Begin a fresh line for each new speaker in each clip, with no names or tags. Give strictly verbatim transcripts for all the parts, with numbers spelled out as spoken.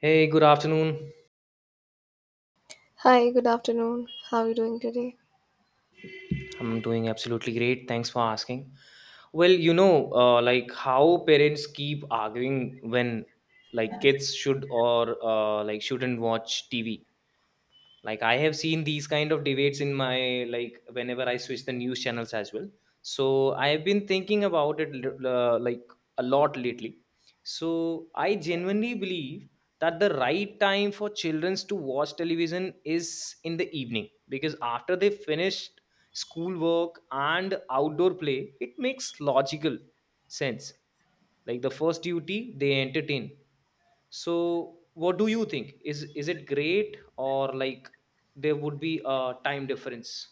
Hey, good afternoon.
Hi, good afternoon. How are you doing today?
I'm doing absolutely great. Thanks for asking. Well, you know, uh, like how parents keep arguing when like kids should or uh, like shouldn't watch T V. Like I have seen these kind of debates in my like whenever I switch the news channels as well, so I have been thinking about it lit- uh, like a lot lately. So I genuinely believe that the right time for children to watch television is in the evening, because after they finished schoolwork and outdoor play it makes logical sense, like the first duty they entertain. So what do you think? Is is it great, or like there would be a time difference?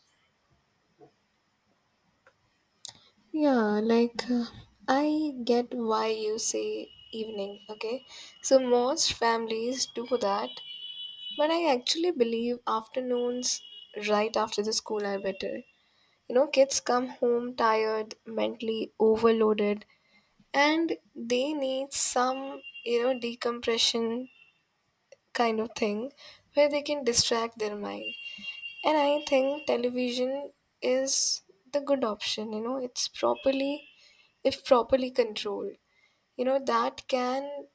Yeah, like uh, I get why you say evening, okay? So most families do that, but I actually believe afternoons right after the school are better. You know, kids come home tired, mentally overloaded, and they need some, you know, decompression kind of thing where they can distract their mind. And I think television is the good option, you know, it's properly, if properly controlled, you know, that can,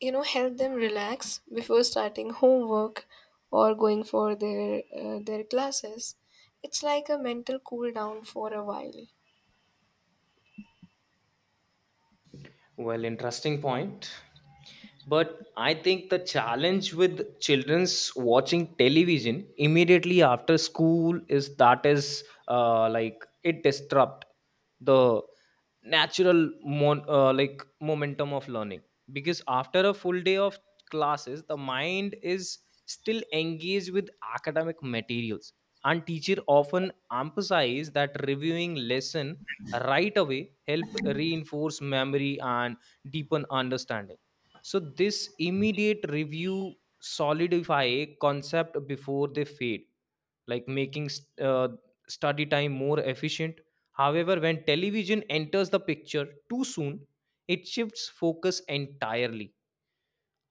you know, help them relax before starting homework or going for their uh, their classes. It's like a mental cool down for a while.
Well, interesting point. But I think the challenge with children's watching television immediately after school is that is uh, like it disrupt the natural mon- uh, like momentum of learning, because after a full day of classes the mind is still engaged with academic materials, and teacher often emphasize that reviewing lesson right away help reinforce memory and deepen understanding. So this immediate review solidify concept before they fade, like making st- uh, study time more efficient. However, when television enters the picture too soon, it shifts focus entirely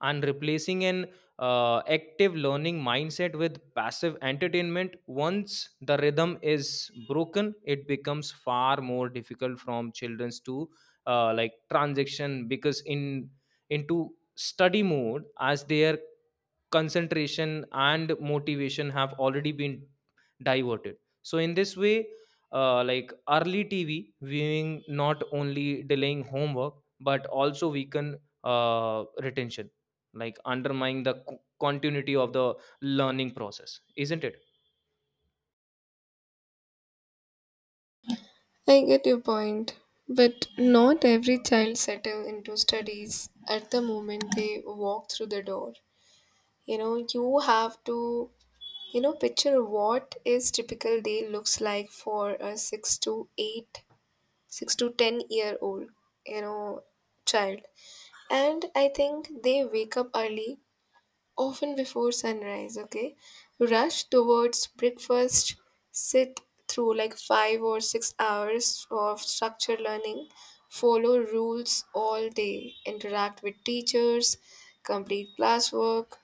and replacing an uh, active learning mindset with passive entertainment. Once the rhythm is broken, it becomes far more difficult from childrens to uh, like transition because in into study mode, as their concentration and motivation have already been diverted. So in this way, uh, like early tv viewing not only delaying homework but also weaken uh, retention, like undermining the co- continuity of the learning process, isn't it?
I get your point, but not every child settle into studies at the moment they walk through the door. You know, you have to You know, Picture what is typical day looks like for a six to eight, six to ten year old, you know, child. And I think they wake up early, often before sunrise, okay? Rush towards breakfast, sit through like five or six hours of structured learning, follow rules all day, interact with teachers, complete classwork,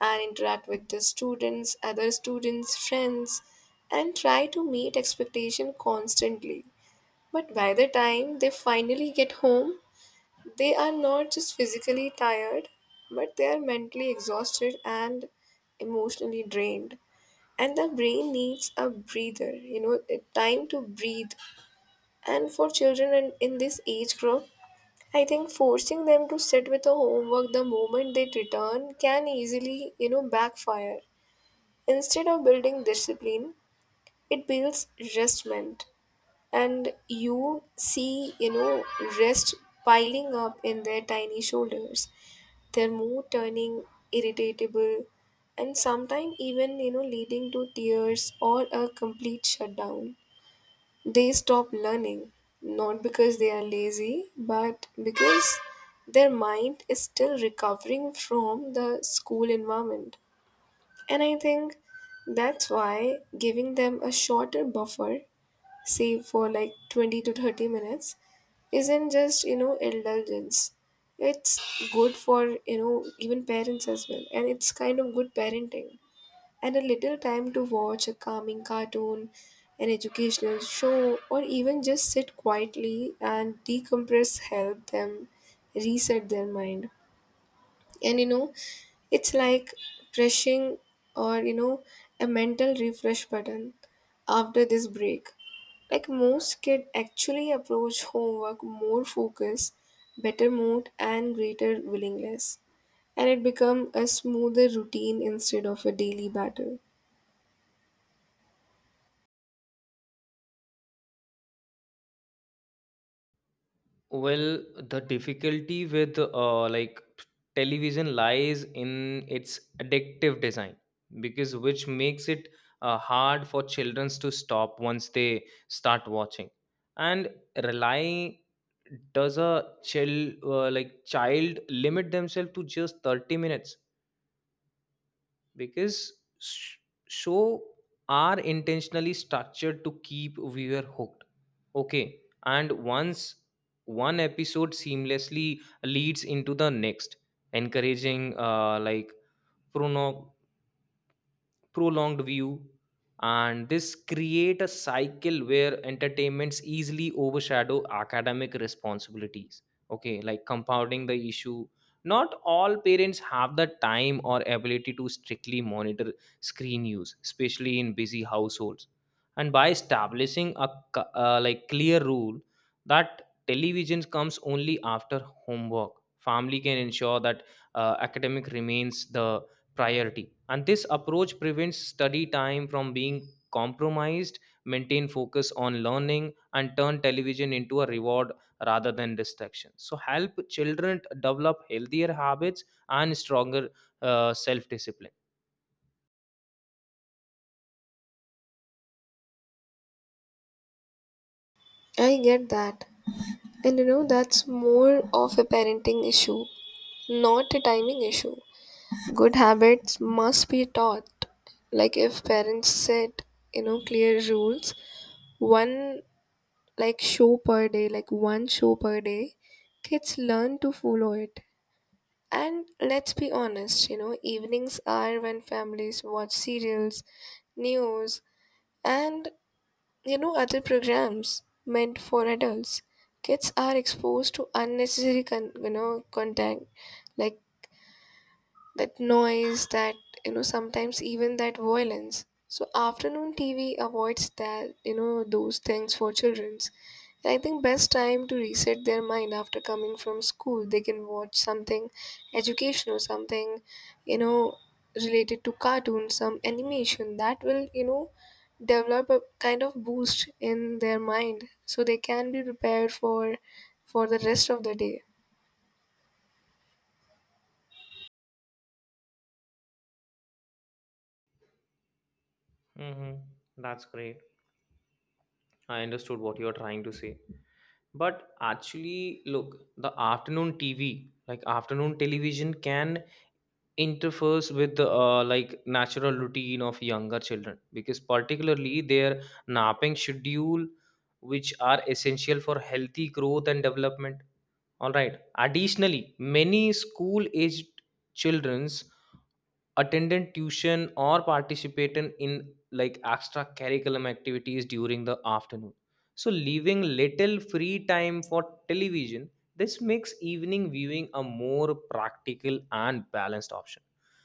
and interact with the students, other students, friends, and try to meet expectation constantly. But by the time they finally get home, they are not just physically tired, but they are mentally exhausted and emotionally drained. And the brain needs a breather, you know, a time to breathe. And for children in, in this age group, I think forcing them to sit with the homework the moment they return can easily, you know, backfire. Instead of building discipline, it builds restment. And you see, you know, rest piling up in their tiny shoulders, their mood turning irritable, and sometimes even, you know, leading to tears or a complete shutdown. They stop learning not because they are lazy, but because their mind is still recovering from the school environment. And I think that's why giving them a shorter buffer, save for like twenty to thirty minutes, isn't just, you know, indulgence. It's good for, you know, even parents as well, and it's kind of good parenting. And a little time to watch a calming cartoon, an educational show, or even just sit quietly and decompress help them reset their mind. And, you know, it's like pressing, or you know, a mental refresh button. After this break, like most kids actually approach homework more focus, better mood, and greater willingness. And it become a smoother routine instead of a daily battle.
Well, the difficulty with uh, like television lies in its addictive design, because which makes it uh, hard for children to stop once they start watching. And relying does a chill uh, like child limit themselves to just thirty minutes, because sh- show are intentionally structured to keep viewer hooked, okay? And once one episode seamlessly leads into the next, encouraging uh, like prono prolonged view. And this create a cycle where entertainments easily overshadow academic responsibilities, okay? Like, compounding the issue, not all parents have the time or ability to strictly monitor screen use, especially in busy households. And by establishing a c- uh, like clear rule that television comes only after homework, family can ensure that uh, academic remains the priority. And this approach prevents study time from being compromised, maintain focus on learning, and turn television into a reward rather than distraction, so help children develop healthier habits and stronger uh, self discipline.
I get that, and you know, that's more of a parenting issue, not a timing issue. Good habits must be taught. Like if parents set, you know, clear rules, one like show per day like one show per day, kids learn to follow it. And let's be honest, you know, evenings are when families watch serials, news, and you know, other programs meant for adults. Kids are exposed to unnecessary con- you know content, like that noise, that, you know, sometimes even that violence. So afternoon TV avoids that, you know, those things for children's. And I think best time to reset their mind after coming from school, they can watch something educational, something, you know, related to cartoons, some animation that will, you know, develop a kind of boost in their mind so they can be prepared for for the rest of the day.
Hmm, that's great. I understood what you are trying to say, but actually look, the afternoon tv, like afternoon television can interferes with uh, like natural routine of younger children, because particularly their napping schedule, which are essential for healthy growth and development. All right, additionally many school aged children attended tuition or participated in like extra curriculum activities during the afternoon, so leaving little free time for television. This makes evening viewing a more practical and balanced option,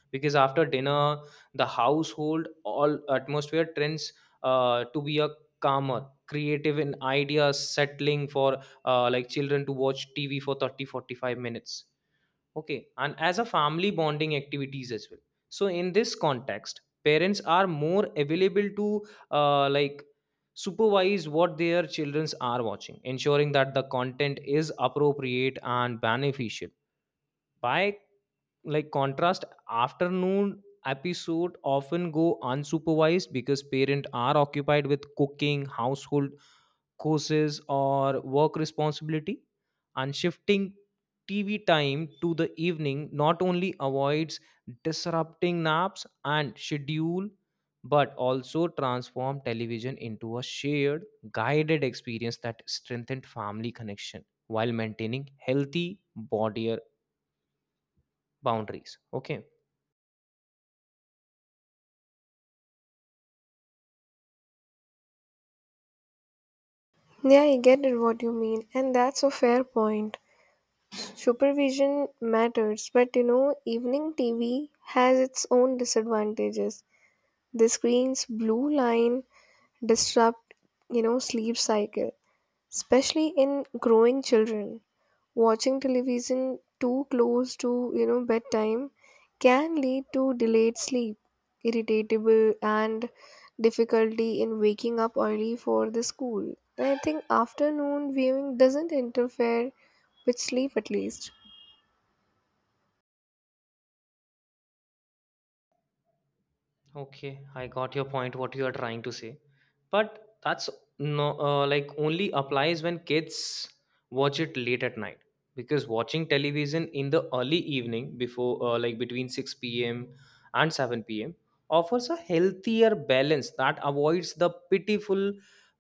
because after dinner the household all atmosphere trends uh, to be a calmer creative in ideas settling for uh, like children to watch tv for thirty, forty-five minutes. Okay, and as a family bonding activities as well. So in this context, parents are more available to uh, like supervise what their childrens are watching, ensuring that the content is appropriate and beneficial. By like contrast, afternoon episode often go unsupervised because parents are occupied with cooking, household courses or work responsibility. And shifting tv time to the evening not only avoids disrupting naps and schedule, but also transform television into a shared guided experience that strengthened family connection while maintaining healthy body boundaries, okay?
Yeah, I get it what you mean, and that's a fair point. Supervision matters, but you know, evening T V has its own disadvantages. The screen's blue line disrupt, you know, sleep cycle, especially in growing children. Watching television too close to, you know, bedtime can lead to delayed sleep, irritable, and difficulty in waking up early for the school. And I think afternoon viewing doesn't interfere with sleep at least.
Okay, I got your point, what you are trying to say. But that's no, uh, like only applies when kids watch it late at night. Because watching television in the early evening, before uh, like between six p m and seven p m, offers a healthier balance that avoids the pitiful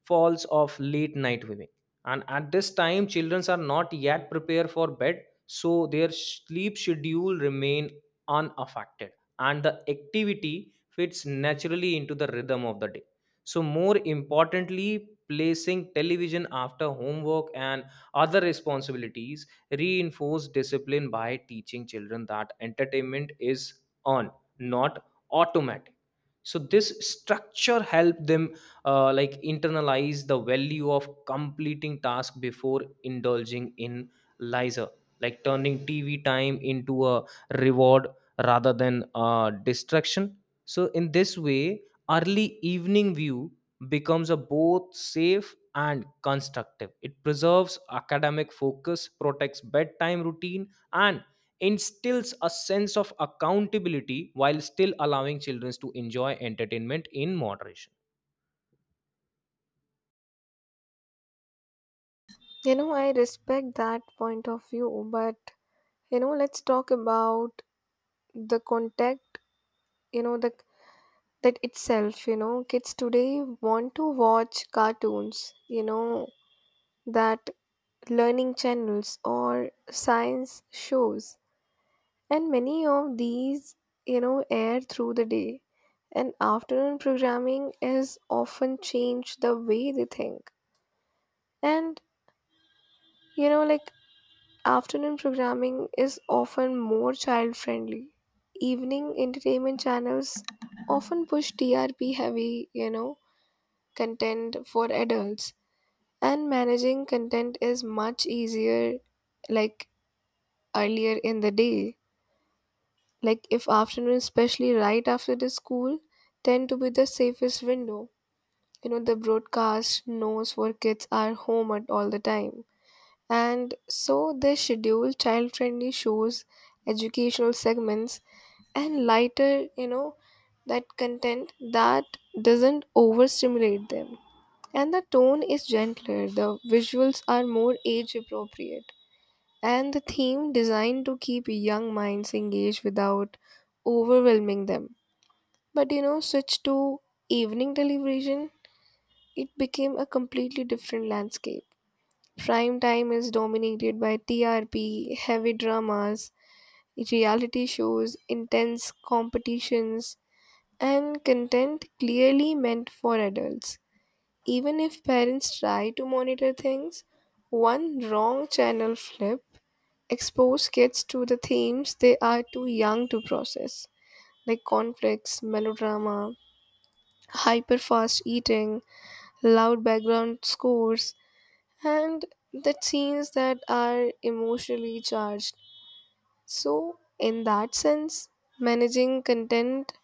falls of late night viewing. And at this time, children are not yet prepared for bed, so their sleep schedule remain unaffected, and the activity fits naturally into the rhythm of the day. So, more importantly, placing television after homework and other responsibilities reinforce discipline by teaching children that entertainment is on, not automatic. So this structure help them uh, like internalize the value of completing task before indulging in leisure, like turning T V time into a reward rather than a distraction. So, in this way, early evening view becomes a both safe and constructive. It preserves academic focus, protects bedtime routine, and instills a sense of accountability while still allowing children to enjoy entertainment in moderation.
You know, I respect that point of view, but you know, let's talk about the contact, you know, the that itself, you know, kids today want to watch cartoons, you know, that learning channels or science shows. And many of these, you know, air through the day. And afternoon programming is often changed the way they think. And you know, like afternoon programming is often more child friendly. Evening entertainment channels often push T R P heavy, you know, content for adults, and managing content is much easier like earlier in the day. Like if afternoon, especially right after the school, tend to be the safest window. You know, the broadcast knows where kids are home at all the time. And so they schedule child friendly shows, educational segments, and lighter, you know, that content that doesn't overstimulate them. And the tone is gentler, the visuals are more age appropriate, and the theme designed to keep young minds engaged without overwhelming them. But you know, switch to evening television, it became a completely different landscape. Prime time is dominated by T R P, heavy dramas, reality shows, intense competitions, and content clearly meant for adults. Even if parents try to monitor things, one wrong channel flip expose kids to the themes they are too young to process, like conflicts, melodrama, hyper fast eating, loud background scores, and the scenes that are emotionally charged. So, in that sense, managing content,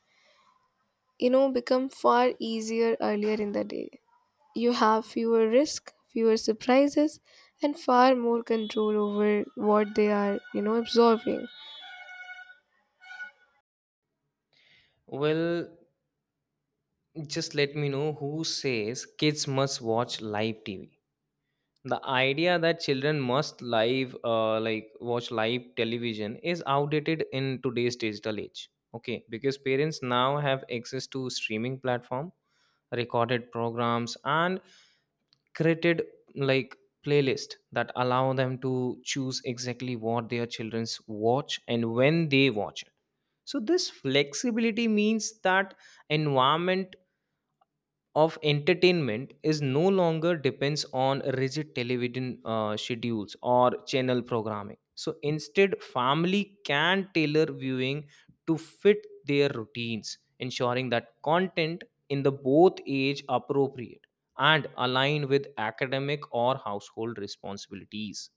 you know, become far easier earlier in the day. You have fewer risk, fewer surprises, and far more control over what they are, you know, absorbing.
Well, just let me know who says kids must watch live T V. The idea that children must live uh, like watch live television is outdated in today's digital age, okay? Because parents now have access to streaming platform, recorded programs and created like playlist that allow them to choose exactly what their children's watch and when they watch it. So this flexibility means that environment of entertainment is no longer depends on rigid television uh, schedules or channel programming. So instead family can tailor viewing to fit their routines, ensuring that content in the both age appropriate and aligned with academic or household responsibilities.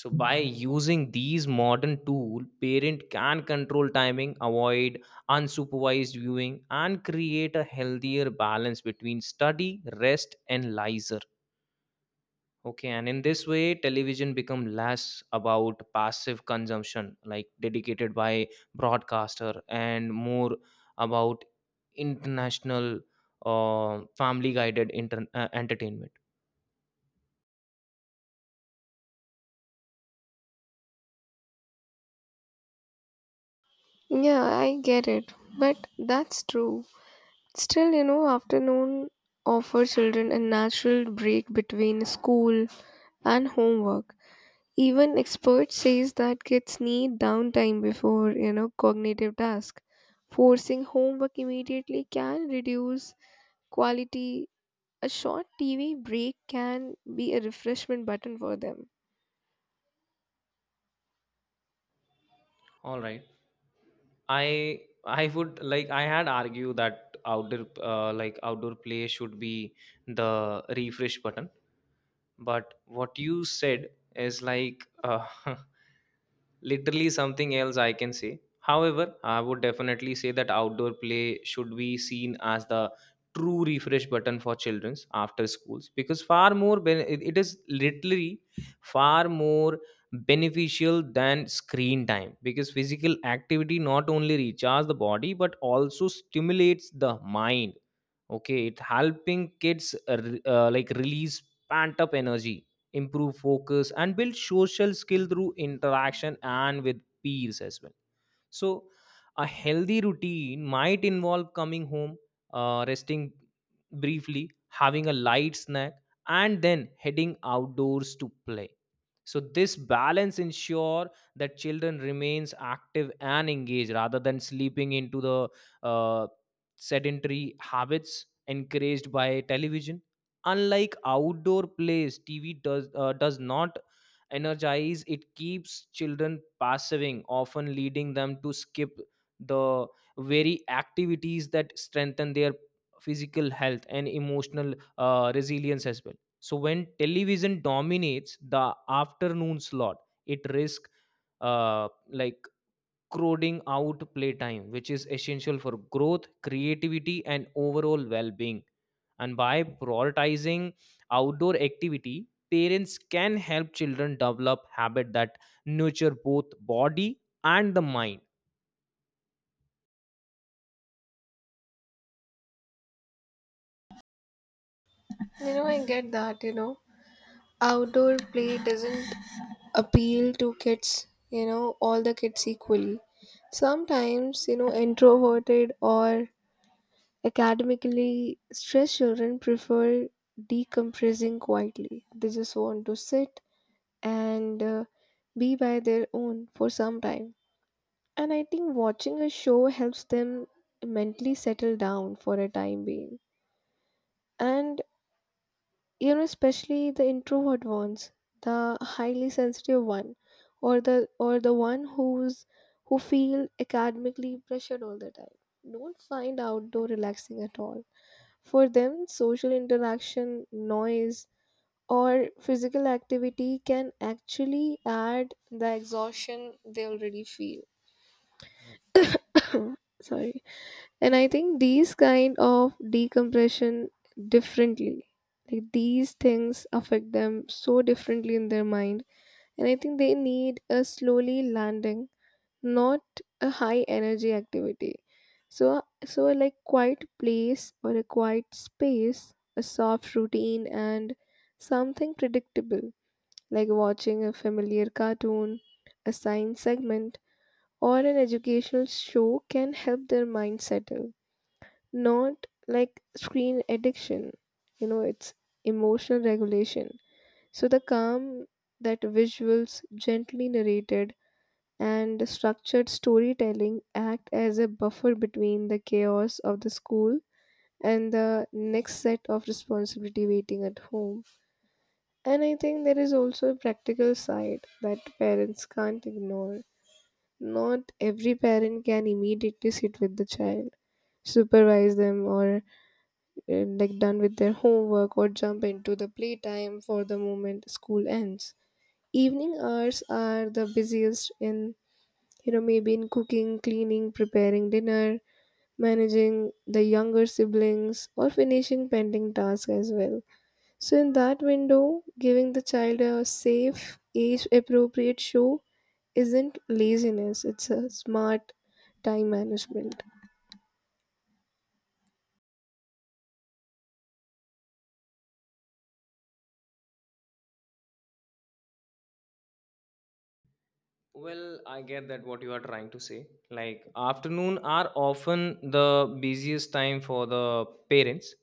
So by using these modern tool, parent can control timing, avoid unsupervised viewing, and create a healthier balance between study, rest and leisure, okay? And in this way television become less about passive consumption like dedicated by broadcaster and more about international uh, family guided inter- uh, entertainment.
Yeah, I get it, but that's true. Still, you know, afternoon offer children a natural break between school and homework. Even experts says that kids need downtime before, you know, cognitive task. Forcing homework immediately can reduce quality. A short T V break can be a refreshment button for them.
All right. I i would like I had argued that outdoor uh, like outdoor play should be the refresh button, but what you said is like uh, literally something else I can say. However, I would definitely say that outdoor play should be seen as the true refresh button for children's after schools, because far more ben- it it is literally far more beneficial than screen time, because physical activity not only recharges the body but also stimulates the mind. Okay, it helping kids uh, re- uh, like release pent up energy, improve focus, and build social skill through interaction and with peers as well. So, a healthy routine might involve coming home, uh, resting briefly, having a light snack, and then heading outdoors to play. So this balance ensure that children remains active and engaged rather than sleeping into the uh, sedentary habits encouraged by television. Unlike outdoor plays, tv does uh, does not energize. It keeps children passiving, often leading them to skip the very activities that strengthen their physical health and emotional uh, resilience as well. So when television dominates the afternoon slot, it risks uh, like crowding out playtime, which is essential for growth, creativity, and overall well-being. And by prioritizing outdoor activity, parents can help children develop habits that nurture both body and the mind.
You know, I get that, you know. Outdoor play doesn't appeal to kids, you know, all the kids equally. Sometimes, you know, introverted or academically, stressed children prefer decompressing quietly. They just want to sit and uh, be by their own for some time. And I think watching a show helps them mentally settle down for a time being. And you know especially the introvert ones, the highly sensitive one, or the or the one who's who feel academically pressured all the time don't find outdoor relaxing at all. For them social interaction, noise, or physical activity can actually add the exhaustion they already feel. Sorry. And I think these kind of decompression differently, like these things affect them so differently in their mind. And I think they need a slowly landing, not a high energy activity. So so a like quiet place or a quiet space, a soft routine, and something predictable like watching a familiar cartoon, a science segment, or an educational show can help their mind settle. Not like screen addiction, you know, it's emotional regulation. So the calm, that visuals gently narrated and structured storytelling act as a buffer between the chaos of the school and the next set of responsibility waiting at home. And I think there is also a practical side that parents can't ignore. Not every parent can immediately sit with the child, supervise them, or uh, like done with their homework, or jump into the playtime for the moment school ends. Evening hours are the busiest in, you know, maybe in cooking, cleaning, preparing dinner, managing the younger siblings, or finishing pending tasks as well. So, in that window, giving the child a safe, age appropriate show isn't laziness, it's a smart time management.
Well, I get that what you are trying to say. Like afternoon are often the busiest time for the parents,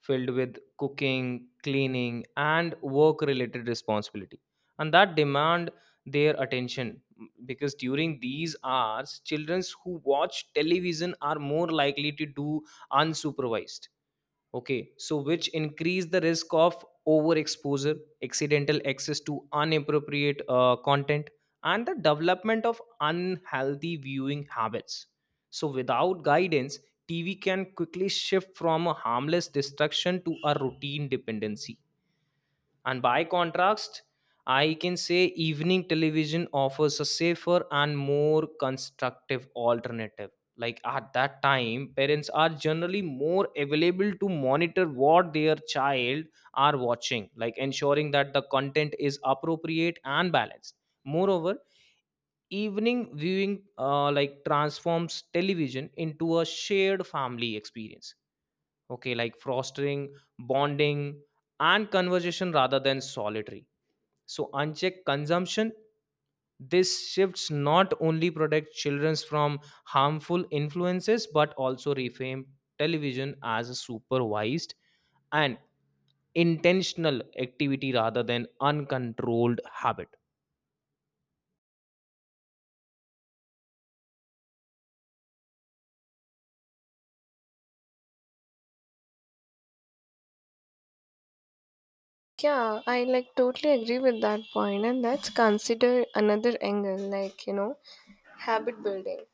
filled with cooking, cleaning, and work-related responsibility, and that demand their attention, because during these hours, children who watch television are more likely to do unsupervised, okay? So which increase the risk of overexposure, accidental access to inappropriate uh, content, and the development of unhealthy viewing habits. So without guidance, tv can quickly shift from a harmless distraction to a routine dependency. And by contrast, I can say evening television offers a safer and more constructive alternative. Like at that time, parents are generally more available to monitor what their child are watching, like ensuring that the content is appropriate and balanced. Moreover, evening viewing uh, like transforms television into a shared family experience. Okay, like fostering bonding and conversation rather than solitary so unchecked consumption. This shifts not only protect children from harmful influences but also reframe television as a supervised and intentional activity rather than uncontrolled habit.
Yeah, I like totally agree with that point, and that's consider another angle, like you know, habit building.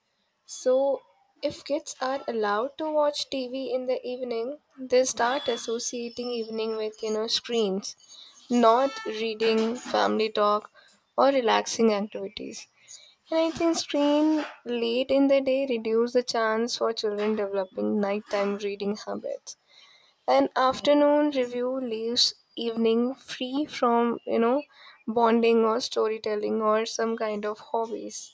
So, if kids are allowed to watch T V in the evening, they start associating evening with you know screens, not reading, family talk, or relaxing activities. And I think screen late in the day reduce the chance for children developing nighttime reading habits. An afternoon review leaves evening free from, you know, bonding or storytelling or some kind of hobbies.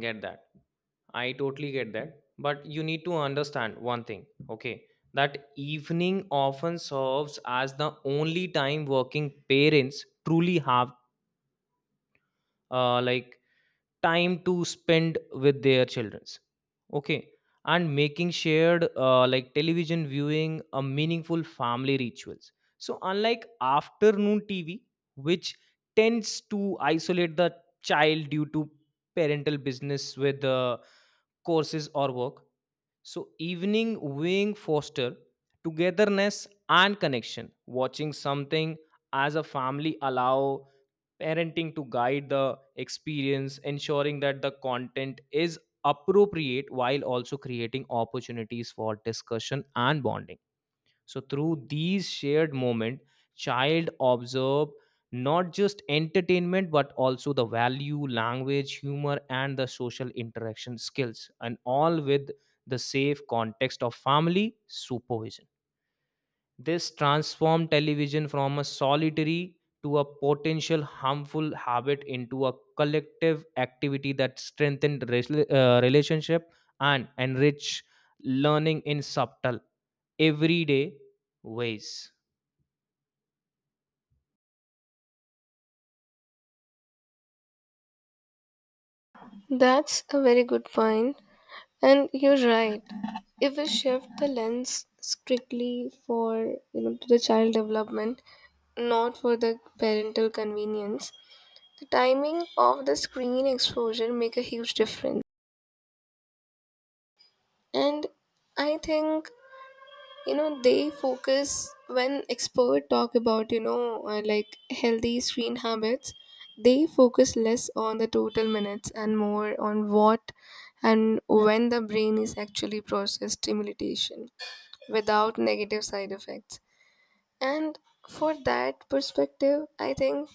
Get that? I totally get that. But you need to understand one thing, okay? That evening often serves as the only time working parents truly have uh, like time to spend with their childrens, okay? And making shared uh, like television viewing a meaningful family rituals. So unlike afternoon tv, which tends to isolate the child due to parental business with uh, courses or work. So evening viewing foster togetherness and connection. Watching something as a family allow parenting to guide the experience, ensuring that the content is appropriate while also creating opportunities for discussion and bonding. So through these shared moment, child observe not just entertainment but also the value, language, humor and the social interaction skills, and all with the safe context of family supervision. This transformed television from a solitary to a potential harmful habit into a collective activity that strengthened rela- uh, relationship and enrich learning in subtle everyday ways.
That's a very good point. And you're right. If we shift the lens strictly for, you know, to the child development, not for the parental convenience, the timing of the screen exposure make a huge difference. And I think, you know, they focus when expert talk about you know uh, like healthy screen habits, they focus less on the total minutes and more on what and when the brain is actually process stimulation without negative side effects. And for that perspective, I think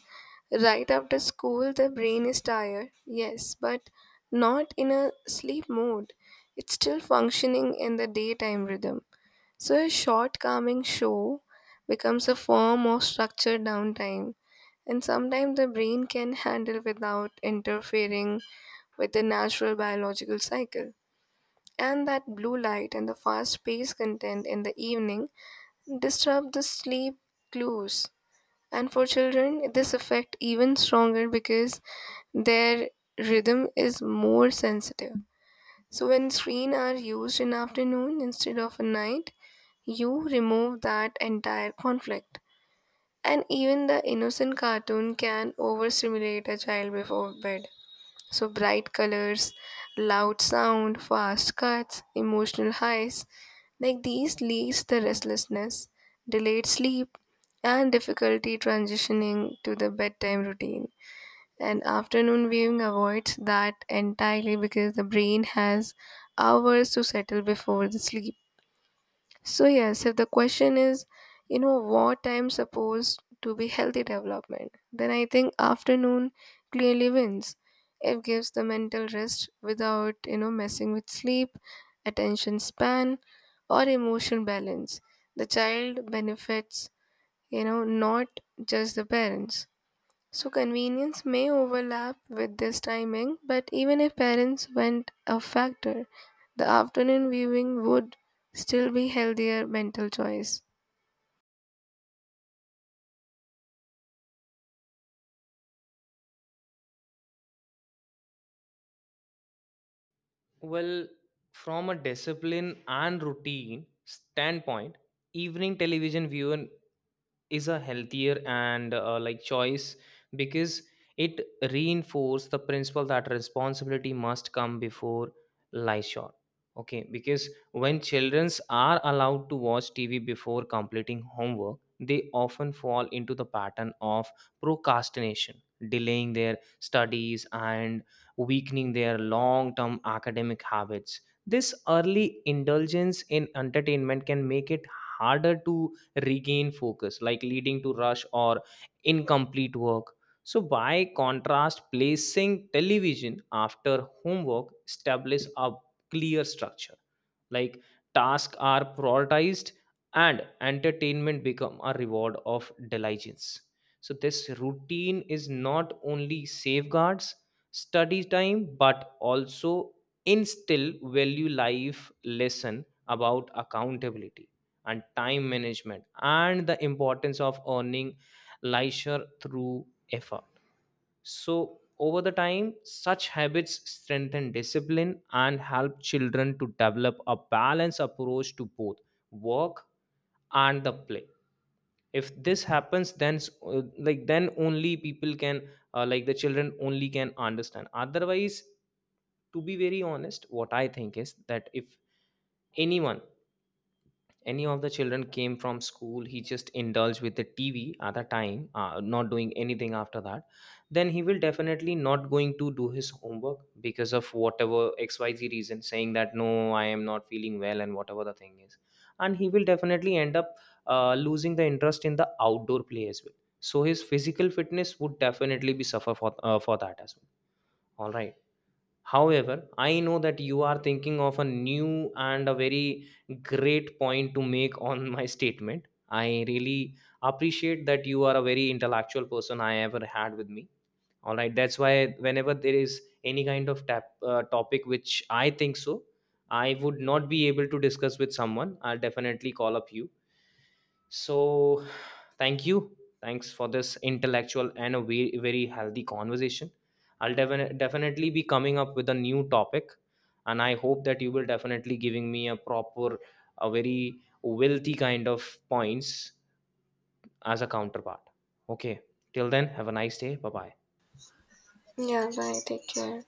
right after school, the brain is tired, yes, but not in a sleep mode. It's still functioning in the daytime rhythm. So, a short calming show becomes a form of structured downtime, and sometimes the brain can handle without interfering with the natural biological cycle. And that blue light and the fast paced content in the evening disrupt the sleep clues. And for children, this effect even stronger because their rhythm is more sensitive. So when screen are used in afternoon instead of a night, you remove that entire conflict. And even the innocent cartoon can overstimulate a child before bed. So bright colors, loud sound, fast cuts, emotional highs, like these leads to restlessness, delayed sleep, and difficulty transitioning to the bedtime routine. And afternoon viewing avoids that entirely because the brain has hours to settle before the sleep. So, yes, if the question is, you know, what time supposed to be healthy development, then I think afternoon clearly wins. It gives the mental rest without, you know, messing with sleep, attention span, or emotion balance. The child benefits, you know, not just the parents. So convenience may overlap with this timing, but even if parents went a factor, the afternoon viewing would still be healthier mental choice.
Well, from a discipline and routine standpoint, evening television viewing is a healthier and uh, like choice, because it reinforces the principle that responsibility must come before leisure, okay? Because when children are allowed to watch tv before completing homework, they often fall into the pattern of procrastination, delaying their studies and weakening their long term academic habits. This early indulgence in entertainment can make it harder to regain focus, like leading to rush or incomplete work. So, by contrast, placing television after homework establishes a clear structure, like tasks are prioritized and entertainment become a reward of diligence. So this routine is not only safeguards study time but also instill value life lesson about accountability and time management and the importance of earning leisure through effort. So, over the time, such habits strengthen discipline and help children to develop a balanced approach to both work and the play. If this happens, then s- uh, like then only people can uh, like the children only can understand. Otherwise, to be very honest, what I think is that if anyone, any of the children came from school, he just indulged with the tv at the time, uh, not doing anything after that, then he will definitely not going to do his homework because of whatever xyz reason, saying that no I am not feeling well and whatever the thing is. And he will definitely end up uh, losing the interest in the outdoor play as well. So his physical fitness would definitely be suffer for, uh, for that as well, all right? However, I know that you are thinking of a new and a very great point to make on my statement. I really appreciate that you are a very intellectual person I ever had with me. All right, that's why whenever there is any kind of tap, uh, topic which I think so, I would not be able to discuss with someone, I'll definitely call up you. So, thank you. Thanks for this intellectual and a very, very healthy conversation. I'll defin- definitely be coming up with a new topic, and I hope that you will definitely giving me a proper, a very wealthy kind of points as a counterpart. Okay. Till then, have a nice day. Bye bye.
Yeah, bye. Take care.